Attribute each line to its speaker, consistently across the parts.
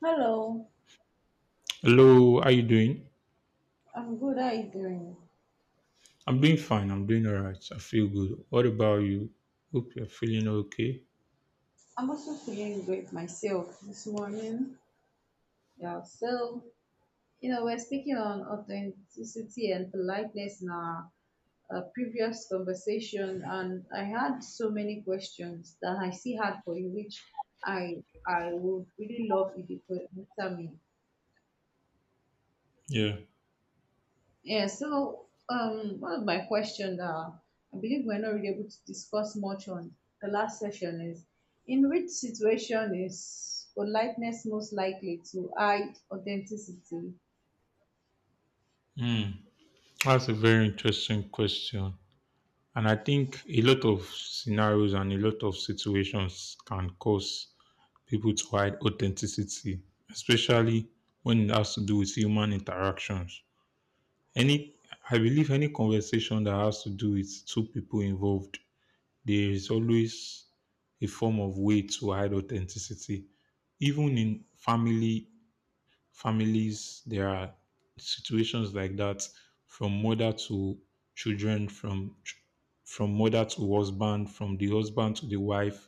Speaker 1: Hello,
Speaker 2: Hello, how you doing?
Speaker 1: I'm good. How are you doing?
Speaker 2: I'm doing fine. I'm doing all right. I feel good. What about you? Hope you're feeling okay.
Speaker 1: I'm also feeling great myself this morning. Yeah, so, we're speaking on authenticity and politeness in our previous conversation, and I had so many questions that I still had for you, which I would really love if you could answer me.
Speaker 2: Yeah.
Speaker 1: Yeah, so one of my questions I believe we're not really able to discuss much on the last session is, in which situation is politeness most likely to hide authenticity?
Speaker 2: Hmm. That's a very interesting question. And I think a lot of scenarios and a lot of situations can cause people to hide authenticity, especially when it has to do with human interactions. Any, I believe any conversation that has to do with two people involved, there is always a form of way to hide authenticity even in family families there are situations like that, from mother to children, from mother to husband, from the husband to the wife,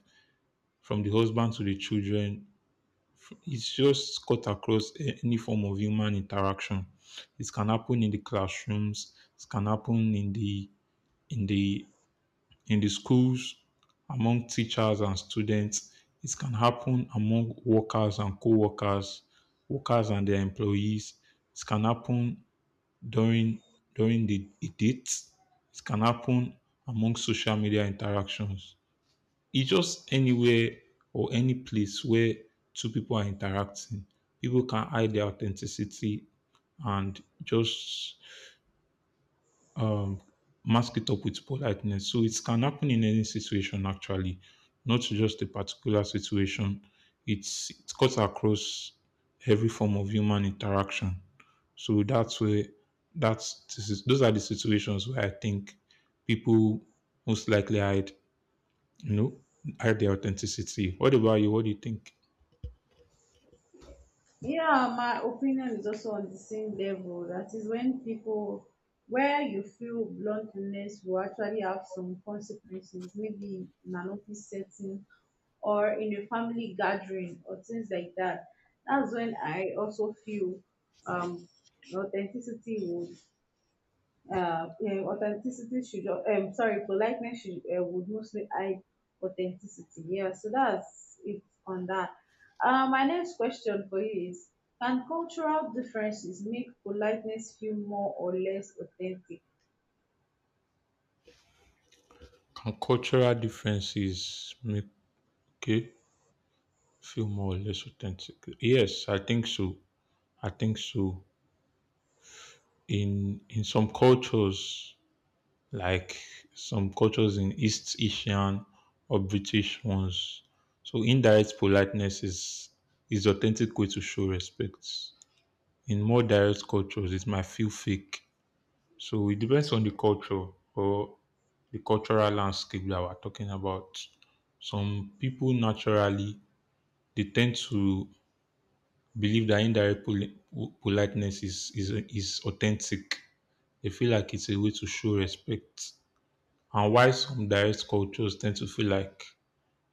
Speaker 2: from the husband to the children. It's just cut across any form of human interaction. It can happen in the classrooms, it can happen in the in the in the schools, among teachers and students. It can happen among workers and co workers, workers and their employees. It can happen during during the a date. It can happen among social media interactions. It's just anywhere or any place where two people are interacting. People can hide their authenticity and just um, mask it up with politeness. So it can happen in any situation, actually, not just a particular situation. It cuts across every form of human interaction. So that's where that's this is, those are the situations where I think people most likely you know, hide their authenticity. What about you? What do you think?
Speaker 1: Yeah, my opinion is also on the same level. That is when people, where you feel bluntness will actually have some consequences, maybe in an office setting or in a family gathering or things like that. That's when I also feel um, authenticity would authenticity should sorry, politeness should would mostly hide authenticity. Yeah, so that's it on that. My next question for you is: can cultural differences make politeness feel more or less authentic?
Speaker 2: Can cultural differences make okay feel more or less authentic? Yes, I think so. I think so. In some cultures, like some cultures in East Asian or British ones, so indirect politeness is authentic way to show respect. In more direct cultures it might feel fake. So it depends on the culture or the cultural landscape that we're talking about. Some people naturally, they tend to believe that indirect politeness is authentic. They feel like it's a way to show respect. And why some direct cultures tend to feel like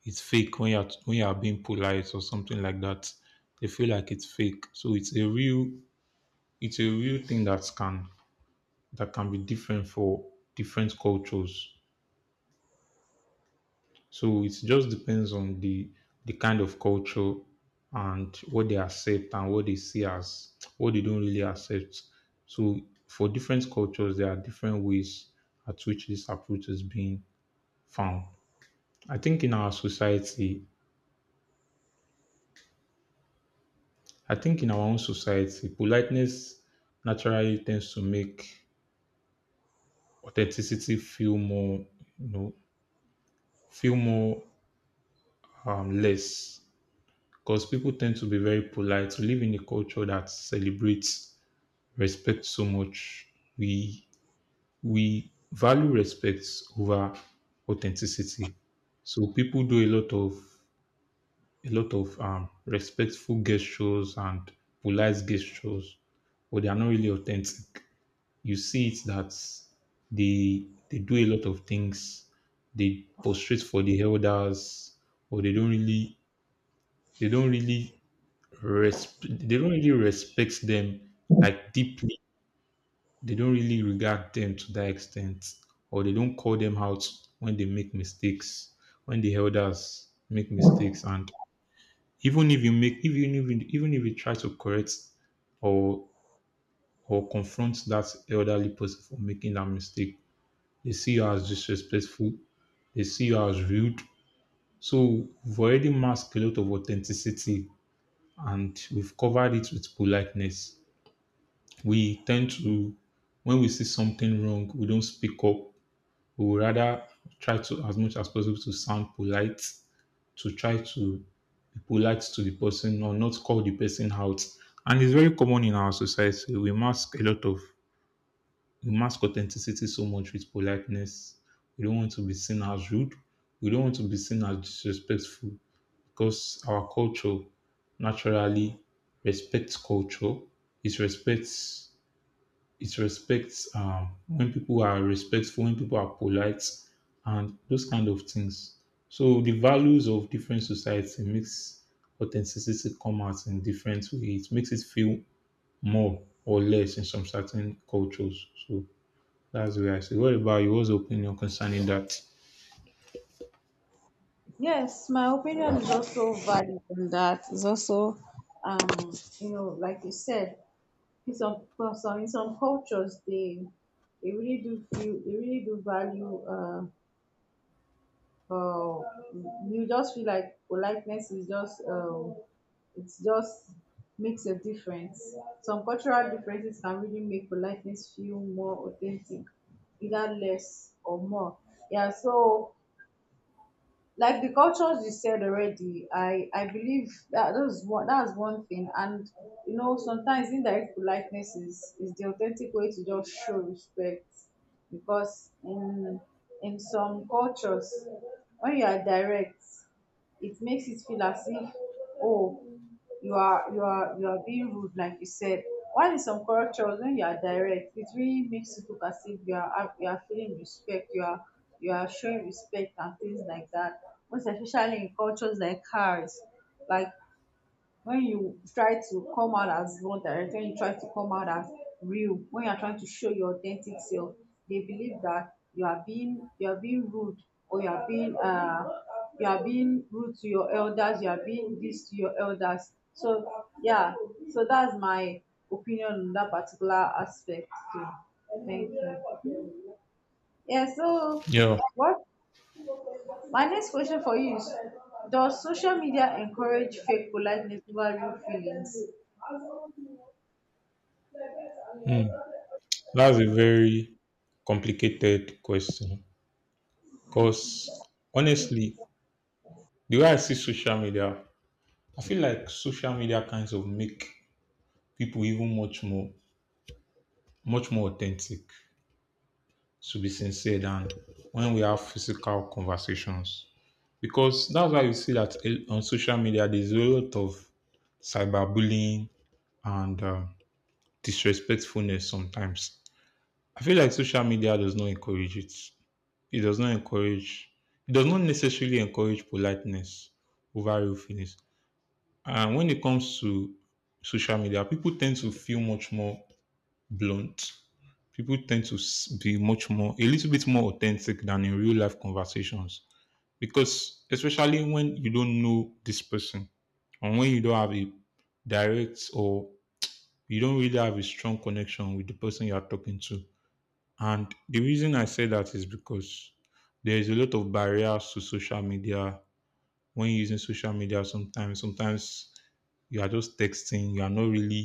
Speaker 2: it's fake when you're being polite or something like that. They feel like it's fake. So it's a real thing that can be different for different cultures. So it just depends on the kind of culture and what they accept and what they see as what they don't really accept. So for different cultures there are different ways at which this approach is being found. I think in our society I think in our own society, politeness naturally tends to make authenticity feel you know, more, less, because people tend to be very polite. We live in a culture that celebrates respect so much. We we value respect over authenticity. So people do a lot of respectful gestures and polite gestures, but they are not really authentic. You see it that they do a lot of things. They prostrate for the elders, or they don't really resp- they don't really respect them like deeply. They don't really regard them to that extent, or they don't call them out when they make mistakes. When the elders make mistakes, and even if you try to correct or confront that elderly person for making that mistake, they see you as disrespectful, they see you as rude. So we've already masked a lot of authenticity, and we've covered it with politeness. We tend to, when we see something wrong, we don't speak up. We would rather try to, as much as possible, to sound polite, to try to be polite to the person or not call the person out. And it's very common in our society. We mask a lot of we mask authenticity so much with politeness. We don't want to be seen as rude. We don't want to be seen as disrespectful because our culture naturally respects culture. It respects it respects when people are respectful, when people are polite, and those kind of things. So the values of different society makes authenticity come out in different ways. It makes it feel more or less in some certain cultures. So that's what I said. What about you? What's your opinion concerning that?
Speaker 1: Yes, my opinion is also valid on that. It's also, um, like you said, In some cultures they really do feel, they really do value, uh you just feel like politeness is just, it's just makes a difference. Some cultural differences can really make politeness feel more authentic, either less or more. Yeah, so like the cultures you said already, I believe that, that's one thing. And you know, sometimes indirect politeness is the authentic way to just show respect, because in some cultures, when you are direct, it makes it feel as if, oh, you are, you are being rude, like you said. While in some cultures, when you are direct, it really makes it look as if you are you are feeling respect, you are, you are showing respect and things like that. Most especially in cultures like ours, like when you try to come out as one direction, when you try to come out as real, when you are trying to show your authentic self, they believe that you are, being you are being rude, or you are being rude to your elders, you are being this to your elders. So yeah, so that's my opinion on that particular aspect too. Thank you. Yeah, so
Speaker 2: Yeah,
Speaker 1: what my next question for you is, does social media encourage fake politeness over real feelings?
Speaker 2: hmm, that's a very complicated question, because honestly, the way I see social media, I feel like social media kinds of make people even much more, much more authentic. To be sincere, than when we have physical conversations, because that's why you see that on social media there's a lot of cyberbullying and disrespectfulness sometimes. I feel like social media does not encourage it. It does not encourage, it does not necessarily encourage politeness over roughness. And when it comes to social media, people tend to feel much more blunt. People tend to be much more, a little bit more authentic than in real life conversations. Because, especially when you don't know this person and when you don't have a direct or you don't really have a strong connection with the person you are talking to, and the reason I say that is because there is a lot of barriers to social media. When using social media, sometimes you are just texting. You are not really,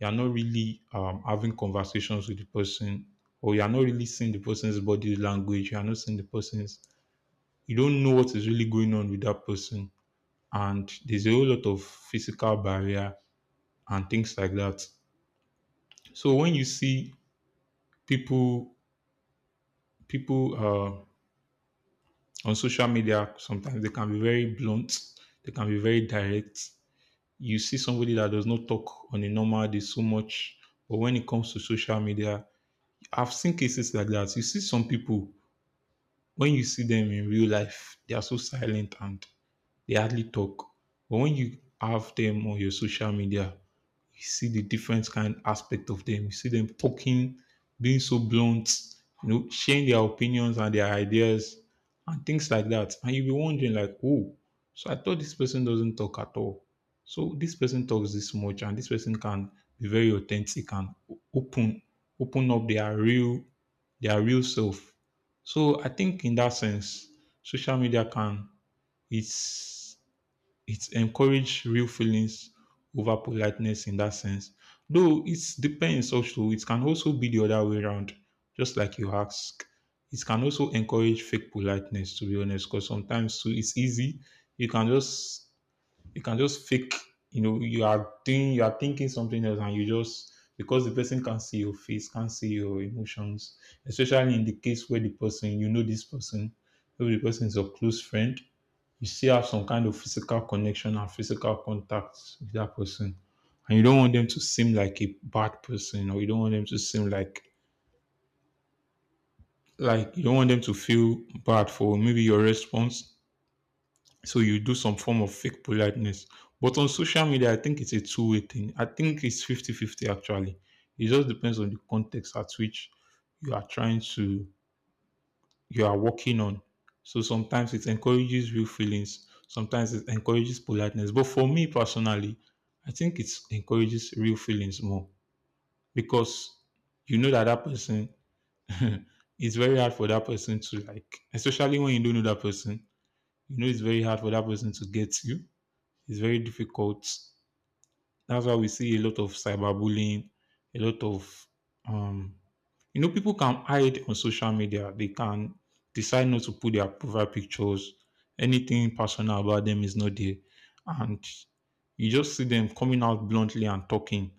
Speaker 2: you are not really having conversations with the person, or you are not really seeing the person's body language. You are not seeing the person's. You don't know what is really going on with that person, and there's a whole lot of physical barrier and things like that. So when you see people, people, on social media sometimes they can be very blunt, they can be very direct. You see somebody that does not talk on a normal day so much, but when it comes to social media, I've seen cases like that. You see some people, when you see them in real life they are so silent and they hardly talk, but when you have them on your social media you see the different kind aspect of them. You see them talking, being so blunt, sharing their opinions and their ideas and things like that. And you'll be wondering, like, oh, so I thought this person doesn't talk at all. So this person talks this much, and this person can be very authentic and open, open up their real self. So I think in that sense, social media can it's it encourage real feelings over politeness in that sense. Though it depends also, it can also be the other way around, just like you ask. It can also encourage fake politeness, to be honest, because sometimes too it's easy. You can just you can just fake, you are thinking something else, and you just because the person can see your face, can't see your emotions, especially in the case where the person you know this person, maybe the person is your close friend, you still have some kind of physical connection and physical contact with that person. And you don't want them to seem like a bad person, or you don't want them to seem like you don't want them to feel bad for maybe your response. So you do some form of fake politeness. But on social media, I think it's a two-way thing. I think it's 50-50, actually. It just depends on the context at which you are trying to you are working on. So sometimes it encourages real feelings, sometimes it encourages politeness. But for me personally, I think it encourages real feelings more, because you know that that person, it's very hard for that person to like, especially when you don't know that person, you know it's very hard for that person to get you. It's very difficult. That's why we see a lot of cyberbullying, a lot of um You know, people can hide on social media. They can decide not to put their profile pictures. Anything personal about them is not there. And you just see them coming out bluntly and talking,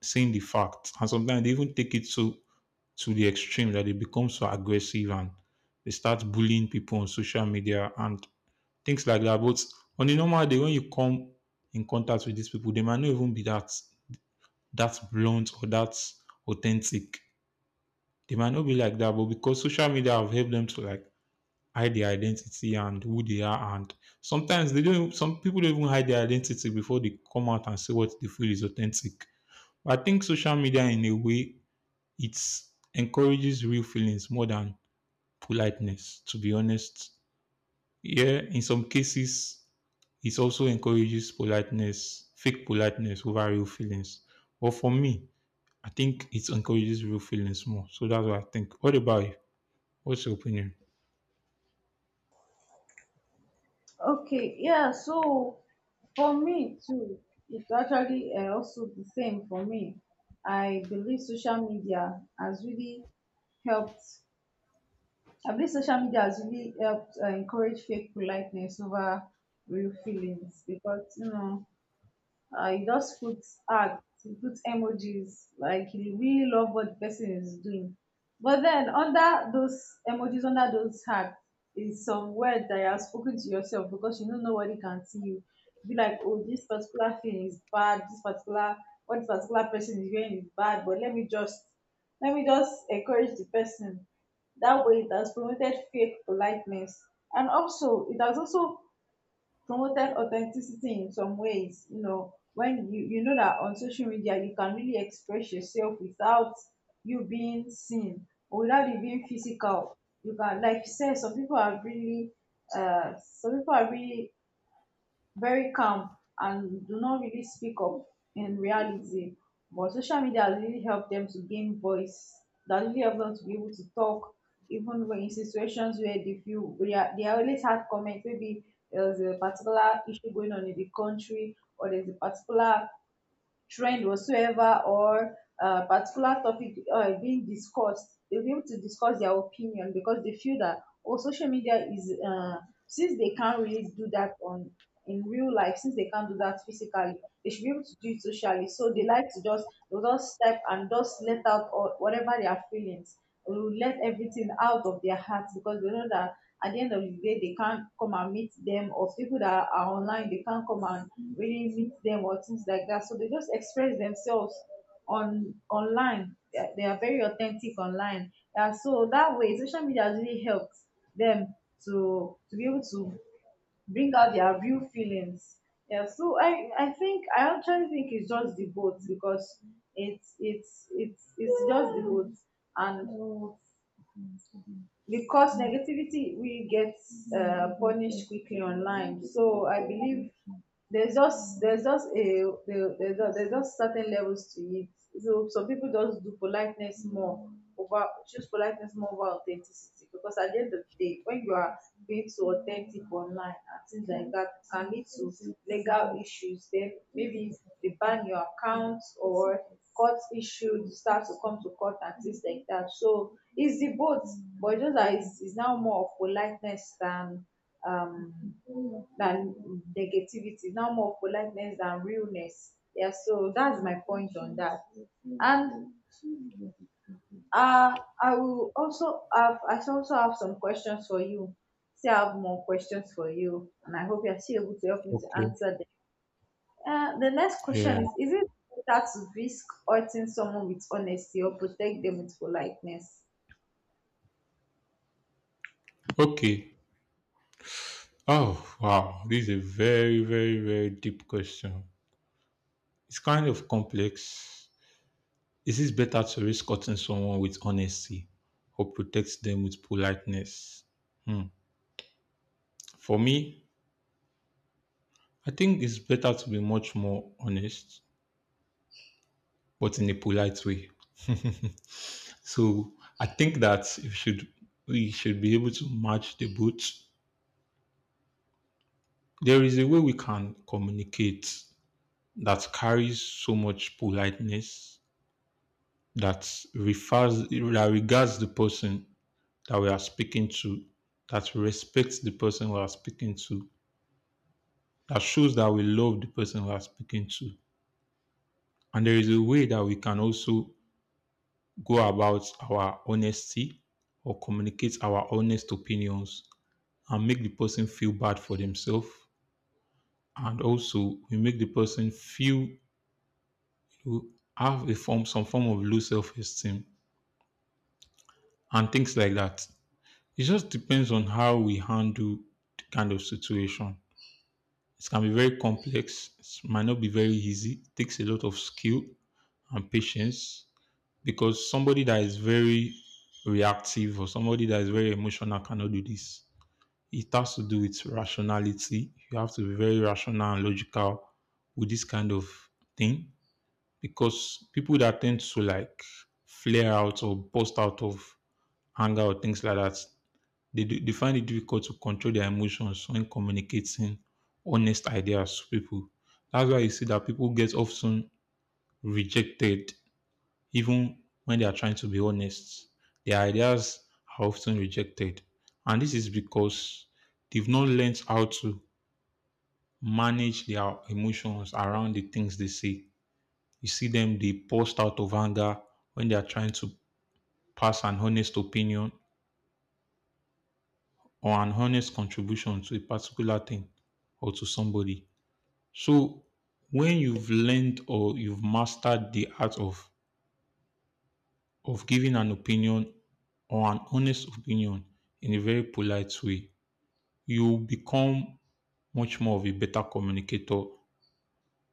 Speaker 2: saying the facts. And sometimes they even take it to the extreme, that they become so aggressive and they start bullying people on social media and things like that. But on a normal day, when you come in contact with these people, they might not even be that blunt or that authentic. They might not be like that, but because social media have helped them to like hide their identity and who they are, and sometimes they don't. Some people don't even hide their identity before they come out and say what they feel is authentic. But I think social media, in a way, it encourages real feelings more than politeness. To be honest, yeah, in some cases, it also encourages politeness, fake politeness over real feelings. But for me, I think it encourages real feelings more. So that's what I think. What about you? What's your opinion?
Speaker 1: Okay, yeah, so for me too, it's actually also the same for me. I believe social media has really helped. I believe social media has really helped encourage fake politeness over real feelings because, you know, you just puts art, he puts emojis, like he really love what the person is doing. But then under those emojis, under those hearts, is some word that you have spoken to yourself because you know nobody can see you. Be like, oh, this particular thing is bad. This particular What this particular person is wearing is bad. But let me just encourage the person. That way, it has promoted fake politeness, and also it has also promoted authenticity in some ways. You know, when you know that on social media you can really express yourself without you being seen or without you being physical. You can, like you said, some people are really very calm and do not really speak up in reality. But social media has really helped them to gain voice. That really helped them to be able to talk, even when, in situations where they feel, where they are always had comments. Maybe there's a particular issue going on in the country, or there's a particular trend whatsoever, or a particular topic being discussed, they'll be able to discuss their opinion because they feel that, oh, social media is, since they can't really do that on in real life, since they can't do that physically, they should be able to do it socially. So they'll just step and just let out all, whatever their feelings, will let everything out of their hearts, because they know that at the end of the day they can't come and meet them, or people that are online, they can't come and really meet them or things like that. So they just express themselves on online. They are very authentic online. Yeah so that way social media has really helped them to be able to bring out their real feelings yeah, so I think, I actually think it's just the both, because it's just the both. And because negativity we get punished quickly online, so I believe there's just a there- there's just certain levels to it. So some people just do politeness more over choose politeness more over authenticity, because at the end of the day when you are being too authentic online and things like that, it can lead to legal issues. Then maybe they ban your account, or court issue, you start to come to court and things like that. So it's the both, but it's just that it's now more of politeness than, um than negativity. It's now more of politeness than realness. Yeah, so that's my point on that. And I also have some questions for you. See, I have more questions for you, and I hope you're still able to help me to
Speaker 2: Okay.
Speaker 1: answer them. The next
Speaker 2: Yeah.
Speaker 1: question is: is it better to risk hurting someone with honesty, or protect them with politeness?
Speaker 2: Okay. Oh, wow. This is a very, very, very deep question. It's kind of complex. Is it better to risk hurting someone with honesty or protect them with politeness? Hmm. For me, I think it's better to be much more honest, but in a polite way. So I think that you should we should be able to match the both. There is a way we can communicate that carries so much politeness that regards the person that we are speaking to, that respects the person we are speaking to, that shows that we love the person we are speaking to. And there is a way that we can also go about our honesty or communicate our honest opinions and make the person feel bad for themselves. And also we make the person feel know, have a form some form of low self esteem and things like that. It just depends on how we handle the kind of situation. It can be very complex. It might not be very easy. It takes a lot of skill and patience because somebody that is very reactive or somebody that is very emotional cannot do this. It has to do with rationality. You have to be very rational and logical with this kind of thing because people that tend to like flare out or burst out of anger or things like that they find it difficult to control their emotions when communicating honest ideas to people. That's why you see that people get often rejected even when they are trying to be honest. Their ideas are often rejected. And this is because they've not learned how to manage their emotions around the things they say. You see them, they burst out of anger when they are trying to pass an honest opinion or an honest contribution to a particular thing or to somebody. So when you've learned or you've mastered the art of giving an opinion or an honest opinion in a very polite way, you become much more of a better communicator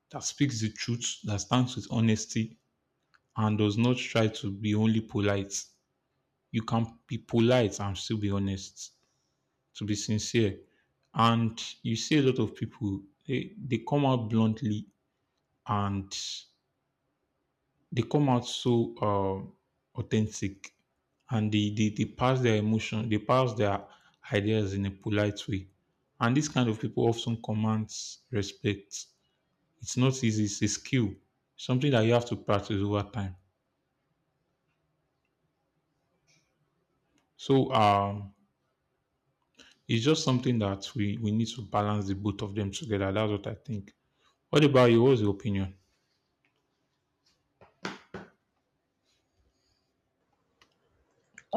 Speaker 2: that speaks the truth, that stands with honesty, and does not try to be only polite. You can be polite and still be honest, to be sincere. And you see a lot of people, they come out bluntly and they come out so authentic and they pass their emotion, they pass their ideas in a polite way. And this kind of people often commands respect. It's not easy, it's a skill, something that you have to practice over time. So it's just something that we need to balance the both of them together. That's what I think. What about you? What's your opinion?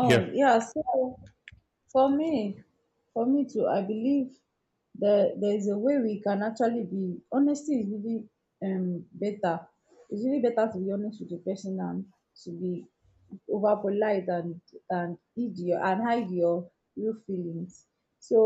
Speaker 2: Yeah,
Speaker 1: Oh, yeah. So for me, too, I believe that there is a way we can actually be honesty is really better. It's really better to be honest with the person than to be over polite, and and hide your real feelings. So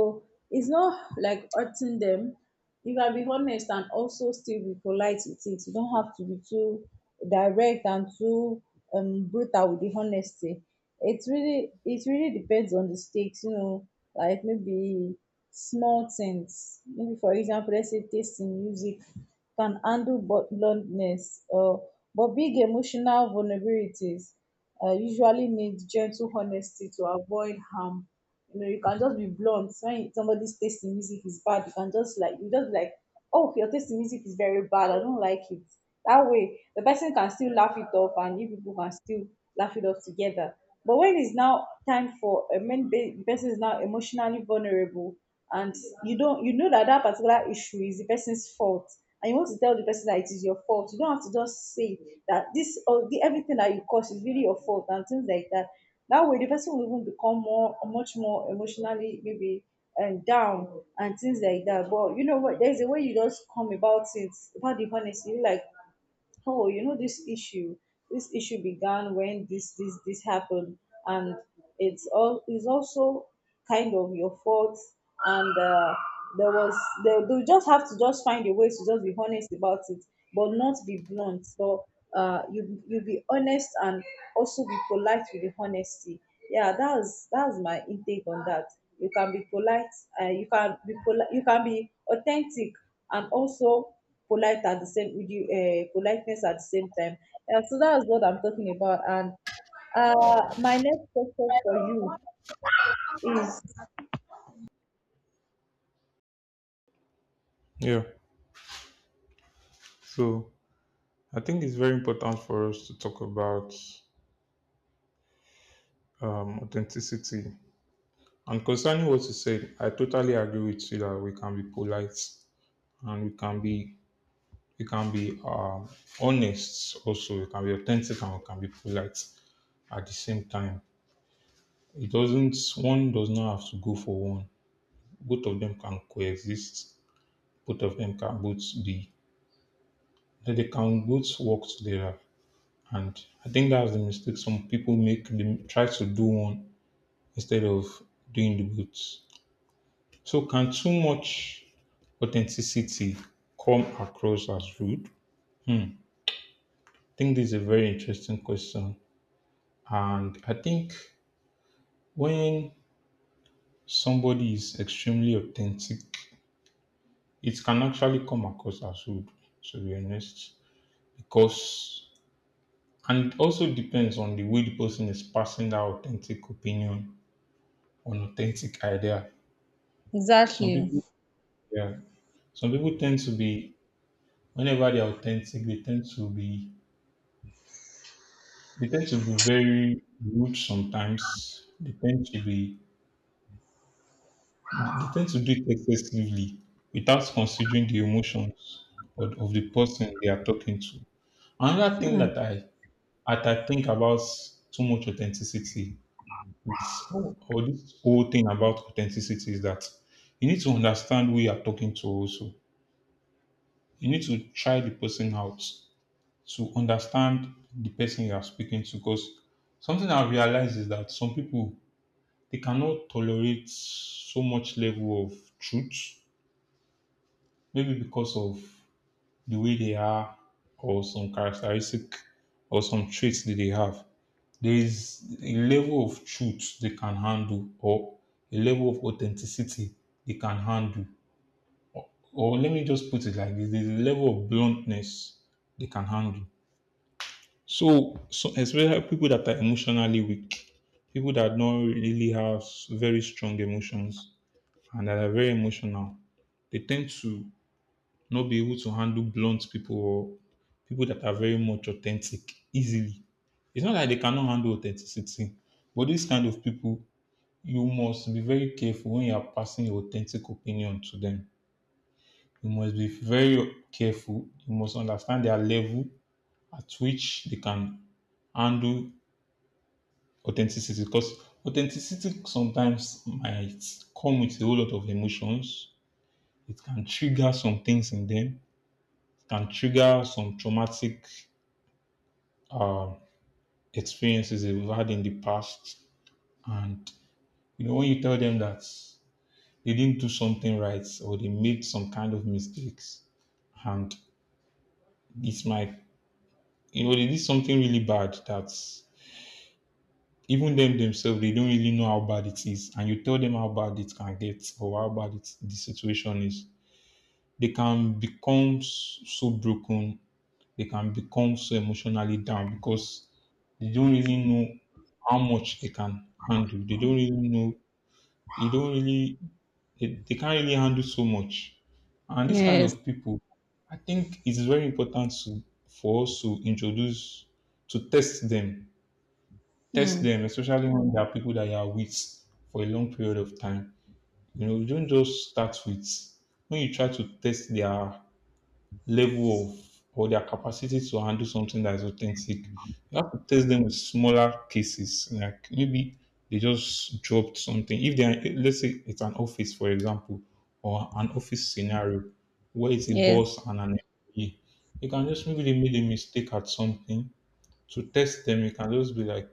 Speaker 1: it's not like hurting them. You can be honest and also still be polite with it. You don't have to be too direct and too brutal with the honesty. It's really it really depends on the stakes, like maybe small things. Maybe, for example, let's say taste in music can handle bluntness or but big emotional vulnerabilities usually needs gentle honesty to avoid harm. You know, you can just be blunt. When somebody's taste in music is bad, you can just, like, you just be like, oh, your taste in music is very bad, I don't like it. That way, the person can still laugh it off, and you people can still laugh it off together. But when it's now time for a when the person is now emotionally vulnerable, and you don't you know that that particular issue is the person's fault, and you want to tell the person that it is your fault, you don't have to just say that this, or the everything that you cause is really your fault and things like that. That way the person will even become more, much more emotionally maybe, and down and things like that. But you know what, there's a way you just come about it, about the honesty, like, oh, you know, this issue began when this happened, and it's also kind of your fault, and there was they just have to just find a way to just be honest about it, but not be blunt, but you be honest and also be polite with the honesty. Yeah, that's my intake on that. You can be polite, you can be authentic and also polite at the same with you, politeness at the same time. Yeah, so that's what I'm talking about. And my next question for you is.
Speaker 2: yeah. So I think it's very important for us to talk about authenticity. And concerning what you said, I totally agree with you that we can be polite and we can be honest also. We can be authentic and we can be polite at the same time. It doesn't one does not have to go for one. Both of them can coexist. Both of them can both be they can both work together. And I think that's the mistake some people make. They try to do one instead of doing the both. So can too much authenticity come across as rude? Hmm. I think this is a very interesting question. And I think when somebody is extremely authentic, it can actually come across as rude, to be honest. Because, and it also depends on the way the person is passing that authentic opinion on authentic idea. Some
Speaker 1: Exactly.
Speaker 2: people, yeah, some people tend to be, whenever they're authentic, they tend to be very rude sometimes. They tend to do it excessively without considering the emotions of the person they are talking to. Another thing
Speaker 1: Hmm.
Speaker 2: that I think about too much authenticity is or this whole thing about authenticity is that you need to understand who you are talking to also. You need to try the person out to understand the person you are speaking to because something I've realized is that some people they cannot tolerate so much level of truth, maybe because of the way they are, or some characteristic, or some traits that they have. There is a level of truth they can handle, or a level of authenticity they can handle, or let me just put it like this: there's a level of bluntness they can handle. So especially people that are emotionally weak, people that don't really have very strong emotions and that are very emotional they tend to not be able to handle blunt people or people that are very much authentic easily. It's not like they cannot handle authenticity, but these kind of people, you must be very careful when you are passing your authentic opinion to them. You must be very careful. You must understand their level at which they can handle authenticity because authenticity sometimes might come with a whole lot of emotions. It can trigger some traumatic uh, experiences that we've had in the past. And you know, when you tell them that they didn't do something right or they made some kind of mistakes, and it's might they did something really bad that even them themselves they don't really know how bad it is, and you tell them how bad it can get or how the situation is, they can become so broken they can become so emotionally down because they don't really know how much they can handle. They don't really know. They don't really. They can't really handle so much. And this kind
Speaker 1: Yes.
Speaker 2: of people, I think it's very important for us to introduce to test
Speaker 1: Hmm.
Speaker 2: them, especially when there are people that you are with for a long period of time. You know, you don't just start with when you try to test their level of or their capacity to handle something that is authentic. You have to test them with smaller cases. Like maybe they just dropped something. If they are, let's say it's an office, for example, or an office scenario where it's a
Speaker 1: Yes.
Speaker 2: boss and an employee, you can just maybe they made a mistake at something. To test them, you can just be like,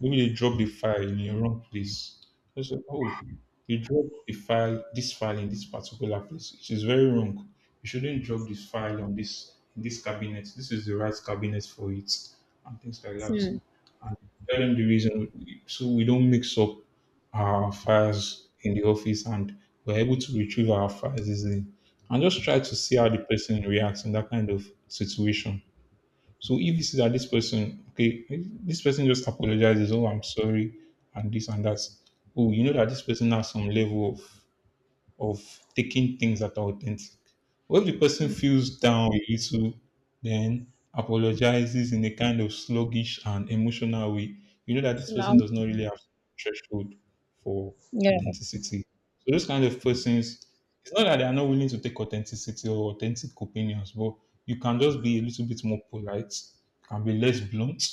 Speaker 2: maybe they drop the file in the wrong place. They say, oh, you drop this file in this particular place. It is very wrong. You shouldn't drop this file on this in this cabinet. This is the right cabinet for it, and things like that.
Speaker 1: Hmm.
Speaker 2: And tell them the reason so we don't mix up our files in the office and we're able to retrieve our files easily. And just try to see how the person reacts in that kind of situation. So if you see that this person, okay, this person just apologizes, oh, I'm sorry, and this and that. Oh, you know that this person has some level of of taking things that are authentic. When the person feels down a little, then apologizes in a kind of sluggish and emotional way, you know that this
Speaker 1: Now.
Speaker 2: person does not really have threshold for
Speaker 1: Yeah.
Speaker 2: authenticity. So those kind of persons, it's not that they are not willing to take authenticity or authentic opinions, but you can just be a little bit more polite, can be less blunt.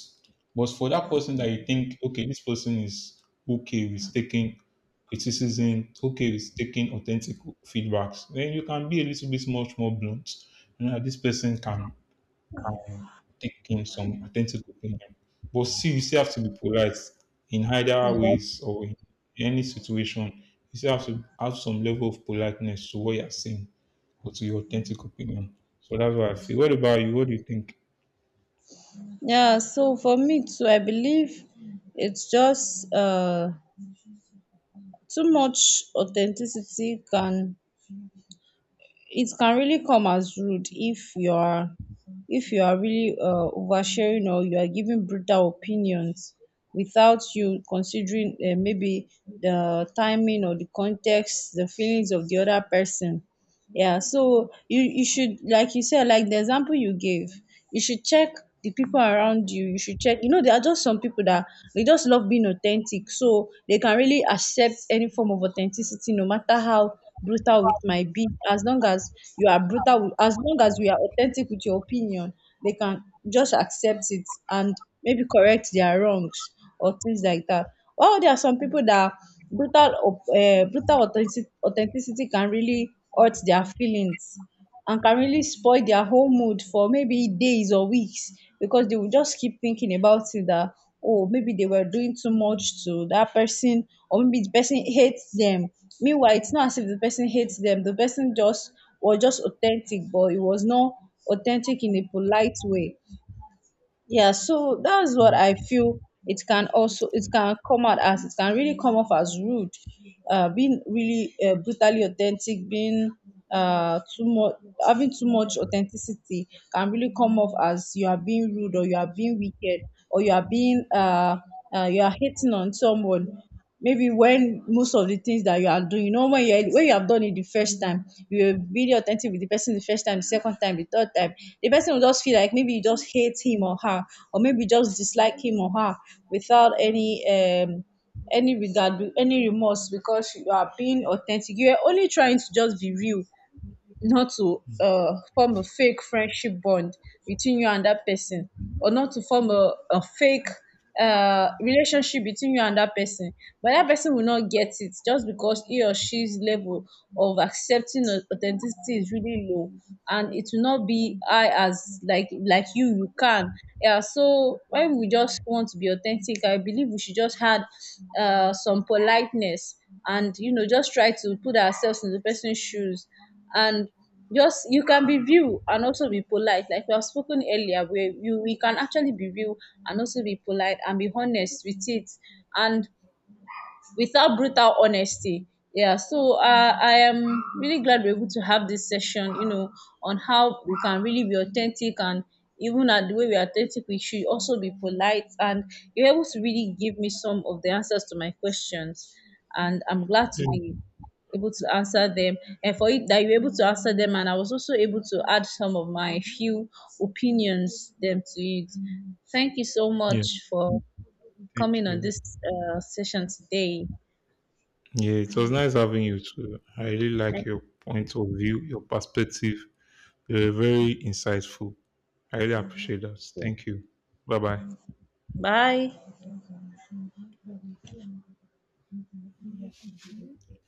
Speaker 2: But for that person that you think, okay, this person is okay with taking criticism, okay with taking authentic feedbacks, then you can be a little bit much more blunt. You know, this person can take in some authentic opinion. But see, you still have to be polite in either
Speaker 1: Exactly.
Speaker 2: ways or in any situation. You still have to have some level of politeness to what you're saying or to your authentic opinion. So that's what I feel. What about you? What do you think?
Speaker 1: Yeah. So for me too, I believe it's just too much authenticity can, it can really come as rude, if you are, really oversharing, or you are giving brutal opinions without you considering, maybe, the timing or the context, the feelings of the other person. Yeah, so you should, like you said, like the example you gave, you should check the people around you. You should check. You know, there are just some people that they just love being authentic, so they can really accept any form of authenticity, no matter how brutal it might be. As long as you are brutal with, as long as we are authentic with your opinion, they can just accept it and maybe correct their wrongs or things like that. While there are some people that brutal authenticity can really hurt their feelings and can really spoil their whole mood for maybe days or weeks, because they will just keep thinking about it that, oh, maybe they were doing too much to that person, or maybe the person hates them. Meanwhile, it's not as if the person hates them, the person just was just authentic, but it was not authentic in a polite way. Yeah, so that's what
Speaker 2: Mm.
Speaker 1: I feel. It can really come off as rude. Uh, being really brutally authentic, being too much having too much authenticity can really come off as you are being rude, or you are being wicked, or you are being you are hating on someone. Maybe when most of the things that you are doing, when you have done it the first time, you will be really authentic with the person the first time, the second time, the third time. The person will just feel like maybe you just hate him or her, or maybe you just dislike him or her, without any any regard, any remorse, because you are being authentic. You are only trying to just be real, not to form a fake friendship bond between you and that person, or not to form a fake relationship between you and that person. But that person will not get it, just because he or she's level of accepting authenticity is really low, and it will not be high as, like you can. Yeah, so when we just want to be authentic, I believe we should just add some politeness, and just try to put ourselves in the person's shoes, and, just, you can be real and also be polite, like we have spoken earlier, where you we can actually be real and also be polite and be honest with it, and without brutal honesty. Yeah, so I am really glad we're able to have this session, you know, on how we can really be authentic, and even at the way we are authentic, we should also be polite. And you're able to really give me some of the answers to my questions. And I'm glad to be able to answer them, and for it that you're able to answer them, and I was also able to add some of my few opinions them to it. Thank you so
Speaker 2: Yeah,
Speaker 1: much for
Speaker 2: thank
Speaker 1: coming on
Speaker 2: you.
Speaker 1: this session today.
Speaker 2: Yeah, it was nice having you too. I really like your point of view, your perspective. You were very insightful. I really appreciate that. Thank you. Bye bye.
Speaker 1: Bye.